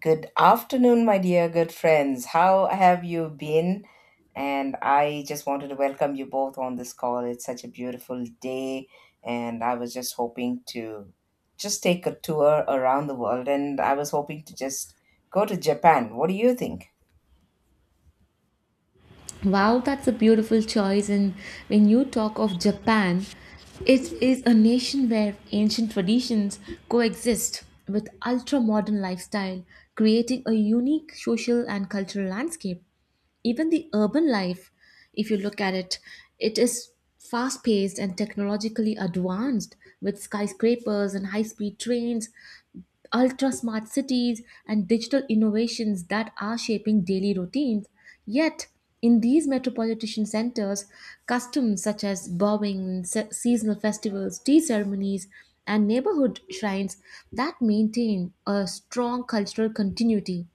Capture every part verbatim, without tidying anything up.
Good afternoon, my dear good friends. How have you been? And I just wanted to welcome you both on this call. It's such a beautiful day, and I was just hoping to just take a tour around the world, and I was hoping to just go to Japan. What do you think? Wow, that's a beautiful choice. And when you talk of Japan, it is a nation where ancient traditions coexist with ultra modern lifestyle, creating a unique social and cultural landscape. Even the urban life, if you look at it, it is fast paced and technologically advanced, with skyscrapers and high speed trains, ultra smart cities, and digital innovations that are shaping daily routines. Yet in these metropolitan centers, customs such as bowing, se- seasonal festivals, tea ceremonies, and neighborhood shrines that maintain a strong cultural continuity.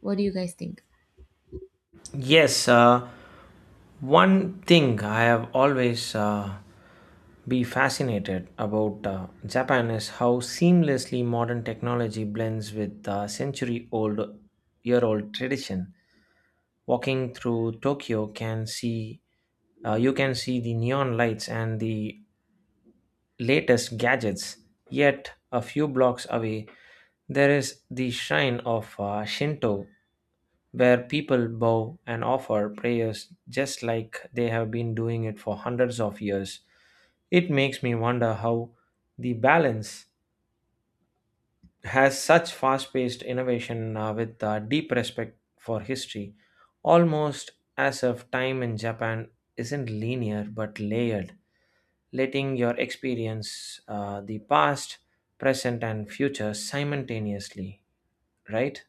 What do you guys think? Yes, uh, one thing I have always uh, be fascinated about uh, Japan is how seamlessly modern technology blends with uh, century-old, year-old tradition. Walking through Tokyo can see uh, you can see the neon lights and the latest gadgets. Yet a few blocks away, there is the shrine of uh, Shinto, where people bow and offer prayers just like they have been doing it for hundreds of years. It makes me wonder how the balance has such fast paced innovation uh, with uh, deep respect for history, almost as if time in Japan isn't linear but layered, letting your experience uh, the past, present, and future simultaneously, right?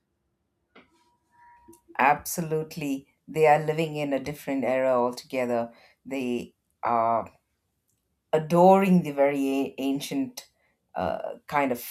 Absolutely. They are living in a different era altogether. They are adoring the very a- ancient uh, kind of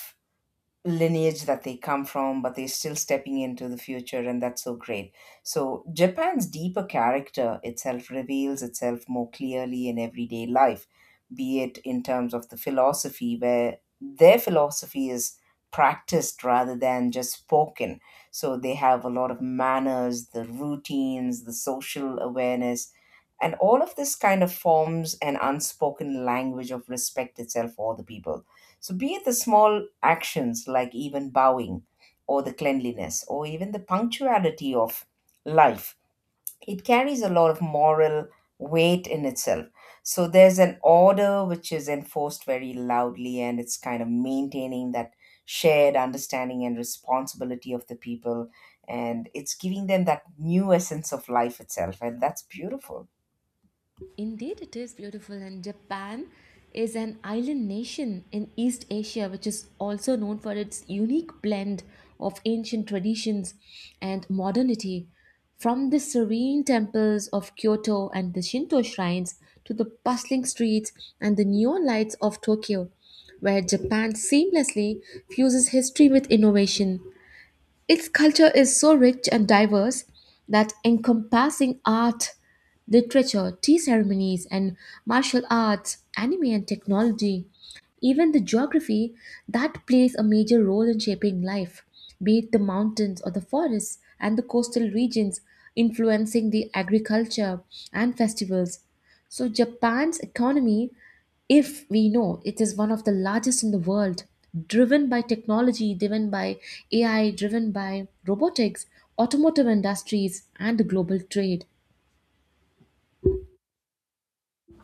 lineage that they come from, but they're still stepping into the future, and that's so great. So, Japan's deeper character itself reveals itself more clearly in everyday life, be it in terms of the philosophy, where their philosophy is practiced rather than just spoken. So, they have a lot of manners, the routines, the social awareness, and all of this kind of forms an unspoken language of respect itself for the people. So be it the small actions like even bowing or the cleanliness or even the punctuality of life, it carries a lot of moral weight in itself. So there's an order which is enforced very loudly, and it's kind of maintaining that shared understanding and responsibility of the people, and it's giving them that new essence of life itself, and that's beautiful. Indeed, it is beautiful. And Japan is an island nation in East Asia, which is also known for its unique blend of ancient traditions and modernity. From the serene temples of Kyoto and the Shinto shrines to the bustling streets and the neon lights of Tokyo, where Japan seamlessly fuses history with innovation. Its culture is so rich and diverse, that encompassing art, literature, tea ceremonies, and martial arts, anime, and technology. Even the geography that plays a major role in shaping life, be it the mountains or the forests and the coastal regions, influencing the agriculture and festivals. So, Japan's economy, if we know, it is one of the largest in the world, driven by technology, driven by A I, driven by robotics, automotive industries, and the global trade.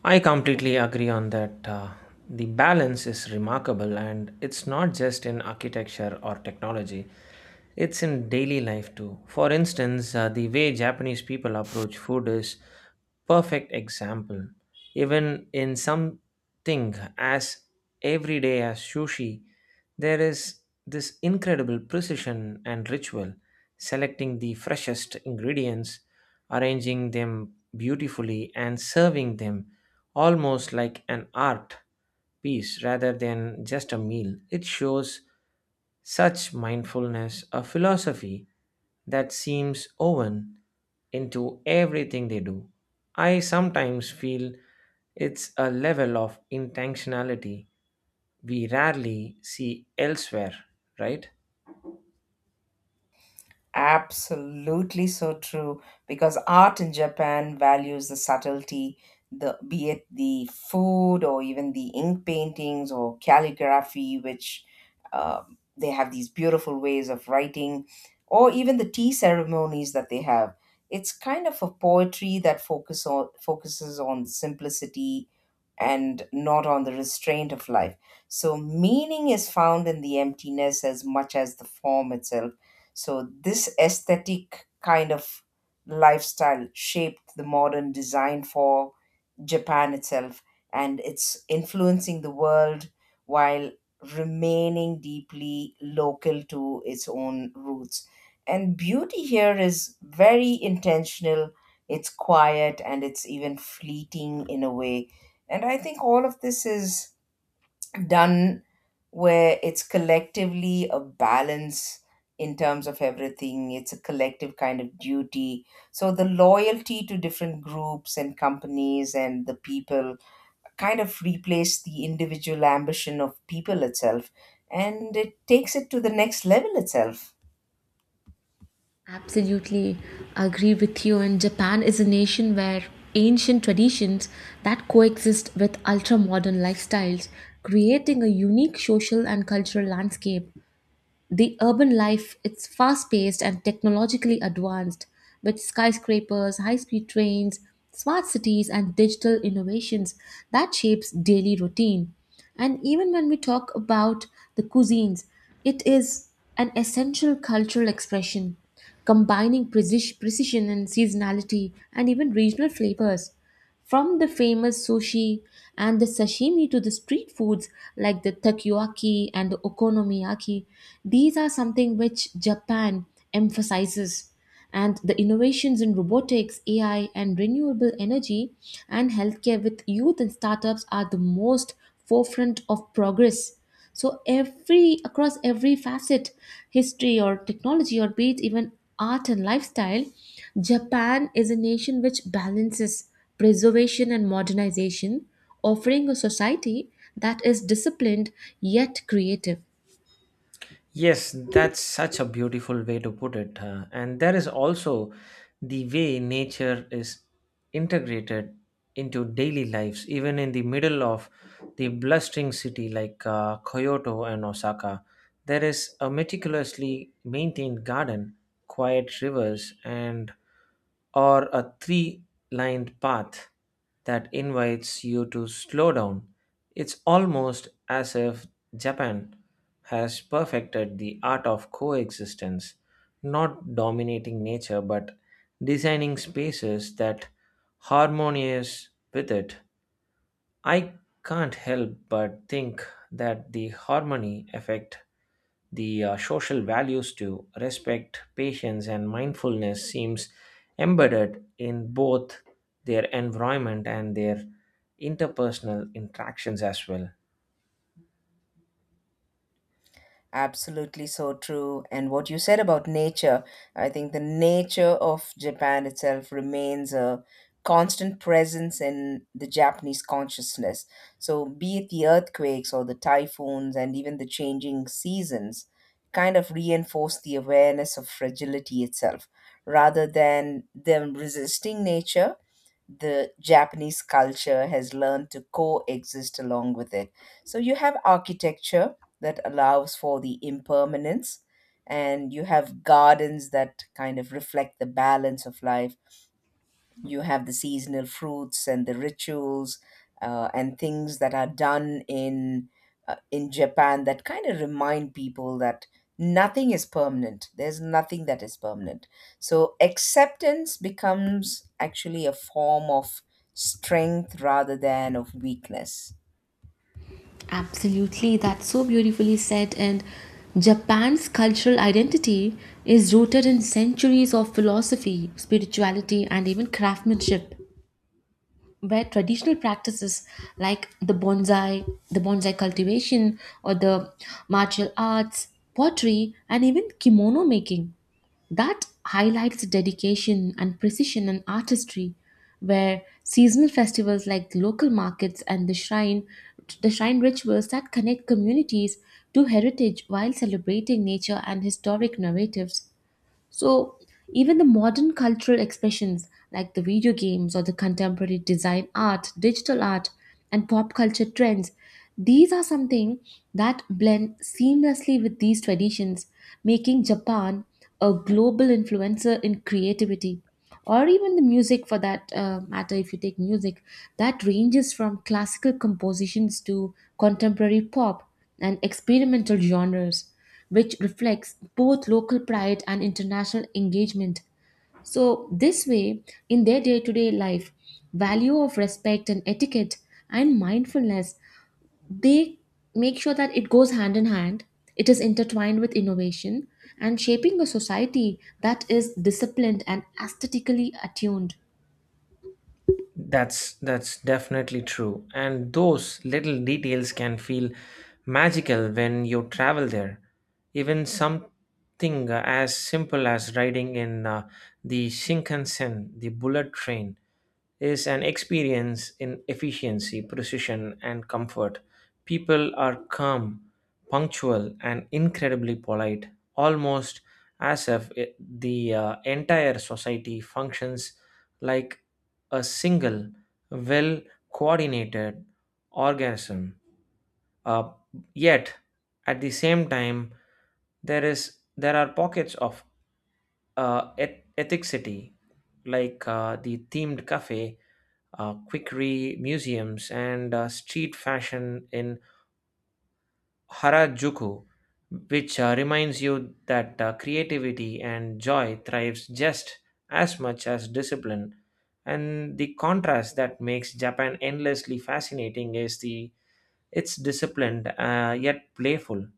I completely agree on that. Uh, the balance is remarkable, and it's not just in architecture or technology. It's in daily life too. For instance, uh, the way Japanese people approach food is perfect example. Even in something as everyday as sushi, there is this incredible precision and ritual, selecting the freshest ingredients, arranging them beautifully, and serving them almost like an art piece rather than just a meal. It shows such mindfulness, a philosophy that seems woven into everything they do. I sometimes feel it's a level of intentionality we rarely see elsewhere, right? Absolutely so true, because art in Japan values the subtlety, the, be it the food or even the ink paintings or calligraphy, which um they have these beautiful ways of writing, or even the tea ceremonies that they have. It's kind of a poetry that focus on, focuses on simplicity and not on the restraint of life. So meaning is found in the emptiness as much as the form itself. So, this aesthetic kind of lifestyle shaped the modern design for Japan itself, and it's influencing the world while remaining deeply local to its own roots. And beauty here is very intentional, it's quiet, and it's even fleeting in a way. And I think all of this is done where it's collectively a balance in terms of everything. It's a collective kind of duty. So the loyalty to different groups and companies and the people kind of replace the individual ambition of people itself, and it takes it to the next level itself. Absolutely agree with you. And Japan is a nation where ancient traditions that coexist with ultra modern lifestyles, creating a unique social and cultural landscape. The urban life, it's fast paced and technologically advanced, with skyscrapers, high speed trains, smart cities, and digital innovations that shapes daily routine. And even when we talk about the cuisines, it is an essential cultural expression, combining preci- precision and seasonality and even regional flavors. From the famous sushi and the sashimi to the street foods like the takoyaki and the okonomiyaki, these are something which Japan emphasizes. And the innovations in robotics, A I, and renewable energy and healthcare with youth and startups are the most forefront of progress. So every across every facet, history or technology, or be it even art and lifestyle, Japan is a nation which balances preservation and modernization, offering a society that is disciplined yet creative. Yes, that's such a beautiful way to put it. Uh, and there is also the way nature is integrated into daily lives, even in the middle of the blustering city like uh, Kyoto and Osaka. There is a meticulously maintained garden, quiet rivers, and or a three lined path that invites you to slow down. It's almost as if Japan has perfected the art of coexistence, not dominating nature but designing spaces that harmonious with it. I can't help but think that the harmony effect the uh, social values to respect patience and mindfulness seems embedded in both their environment and their interpersonal interactions as well. Absolutely so true. And what you said about nature, I think the nature of Japan itself remains a constant presence in the Japanese consciousness. So, be it the earthquakes or the typhoons and even the changing seasons, kind of reinforce the awareness of fragility itself. Rather than them resisting nature, the Japanese culture has learned to coexist along with it. So you have architecture that allows for the impermanence, and you have gardens that kind of reflect the balance of life. You have the seasonal fruits and the rituals uh, and things that are done in uh, in Japan that kind of remind people that nothing is permanent, there's nothing that is permanent. So acceptance becomes actually a form of strength rather than of weakness. Absolutely, that's so beautifully said. And Japan's cultural identity is rooted in centuries of philosophy, spirituality, and even craftsmanship, where traditional practices like the bonsai, the bonsai cultivation, or the martial arts, pottery, and even kimono making. That highlights the dedication and precision and artistry, where seasonal festivals like the local markets and the shrine, the shrine rituals that connect communities to heritage while celebrating nature and historic narratives. So, even the modern cultural expressions like the video games or the contemporary design art, digital art, and pop culture trends, these are something that blend seamlessly with these traditions, making Japan a global influencer in creativity. Or even the music, for that uh, matter, if you take music, that ranges from classical compositions to contemporary pop and experimental genres, which reflects both local pride and international engagement. So, this way, in their day to day life, value of respect and etiquette and mindfulness, they make sure that it goes hand in hand, it is intertwined with innovation and shaping a society that is disciplined and aesthetically attuned. That's that's definitely true. And those little details can feel magical when you travel there. Even something uh, as simple as riding in uh, the Shinkansen, the bullet train, is an experience in efficiency, precision, and comfort. People are calm, punctual, and incredibly polite, almost as if it- the uh, entire society functions like a single, well coordinated organism. Uh, Yet, at the same time, there is there are pockets of uh, eth- ethicity, like uh, the themed cafe, uh, quickery museums, and uh, street fashion in Harajuku, which uh, reminds you that uh, creativity and joy thrives just as much as discipline. And the contrast that makes Japan endlessly fascinating is the it's disciplined uh, yet playful,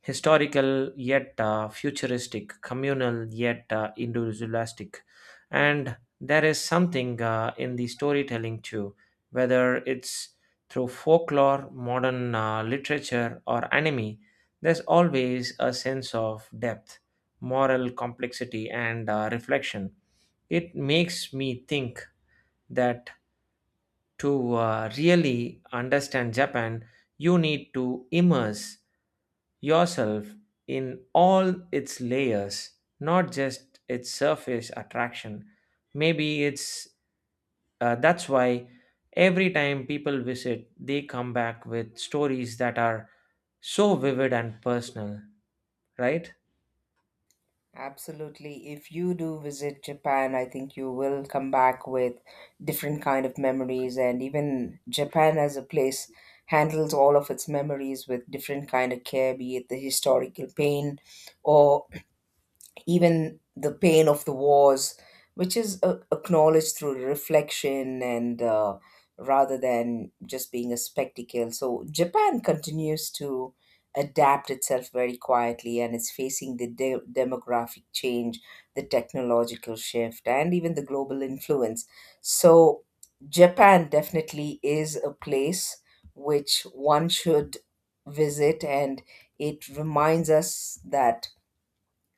historical yet uh, futuristic, communal yet uh, individualistic. And there is something uh, in the storytelling too, whether it's through folklore, modern uh, literature, or anime, there's always a sense of depth, moral complexity, and uh, reflection. It makes me think that to uh, really understand Japan, you need to immerse yourself in all its layers, not just its surface attraction. Maybe it's uh, that's why every time people visit, they come back with stories that are so vivid and personal, right? Absolutely. If you do visit Japan, I think you will come back with different kind of memories, and even Japan as a place handles all of its memories with different kind of care, be it the historical pain or even the pain of the wars, which is uh, acknowledged through reflection and uh, rather than just being a spectacle. So Japan continues to adapt itself very quietly, and it's facing the de- demographic change, the technological shift, and even the global influence. So Japan definitely is a place which one should visit, and it reminds us that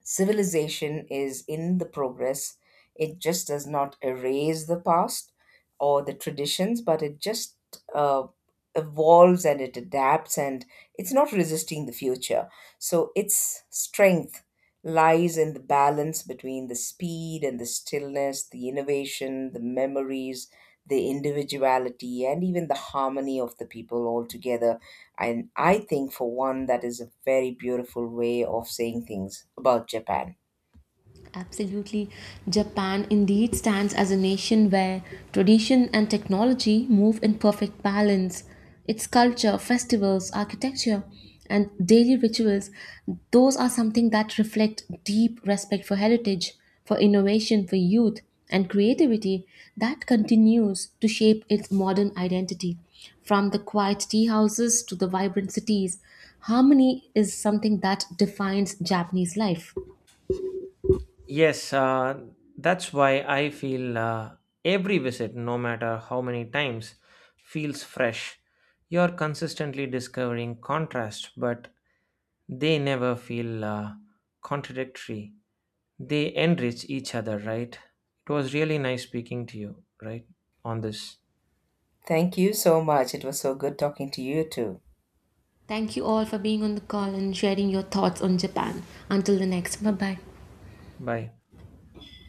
civilization is in the progress. It just does not erase the past or the traditions, but it just uh, evolves and it adapts, and it's not resisting the future. So its strength lies in the balance between the speed and the stillness, the innovation, the memories, the individuality, and even the harmony of the people all together. And I think, for one, that is a very beautiful way of saying things about Japan. Absolutely. Japan indeed stands as a nation where tradition and technology move in perfect balance. Its culture, festivals, architecture, and daily rituals, those are something that reflect deep respect for heritage, for innovation, for youth, and creativity that continues to shape its modern identity. From the quiet tea houses to the vibrant cities, harmony is something that defines Japanese life. Yes, uh, that's why I feel uh, every visit, no matter how many times, feels fresh. You're consistently discovering contrast, but they never feel uh, contradictory. They enrich each other, right? It was really nice speaking to you, right? On this. Thank you so much. It was so good talking to you too. Thank you all for being on the call and sharing your thoughts on Japan. Until the next, bye bye. Bye.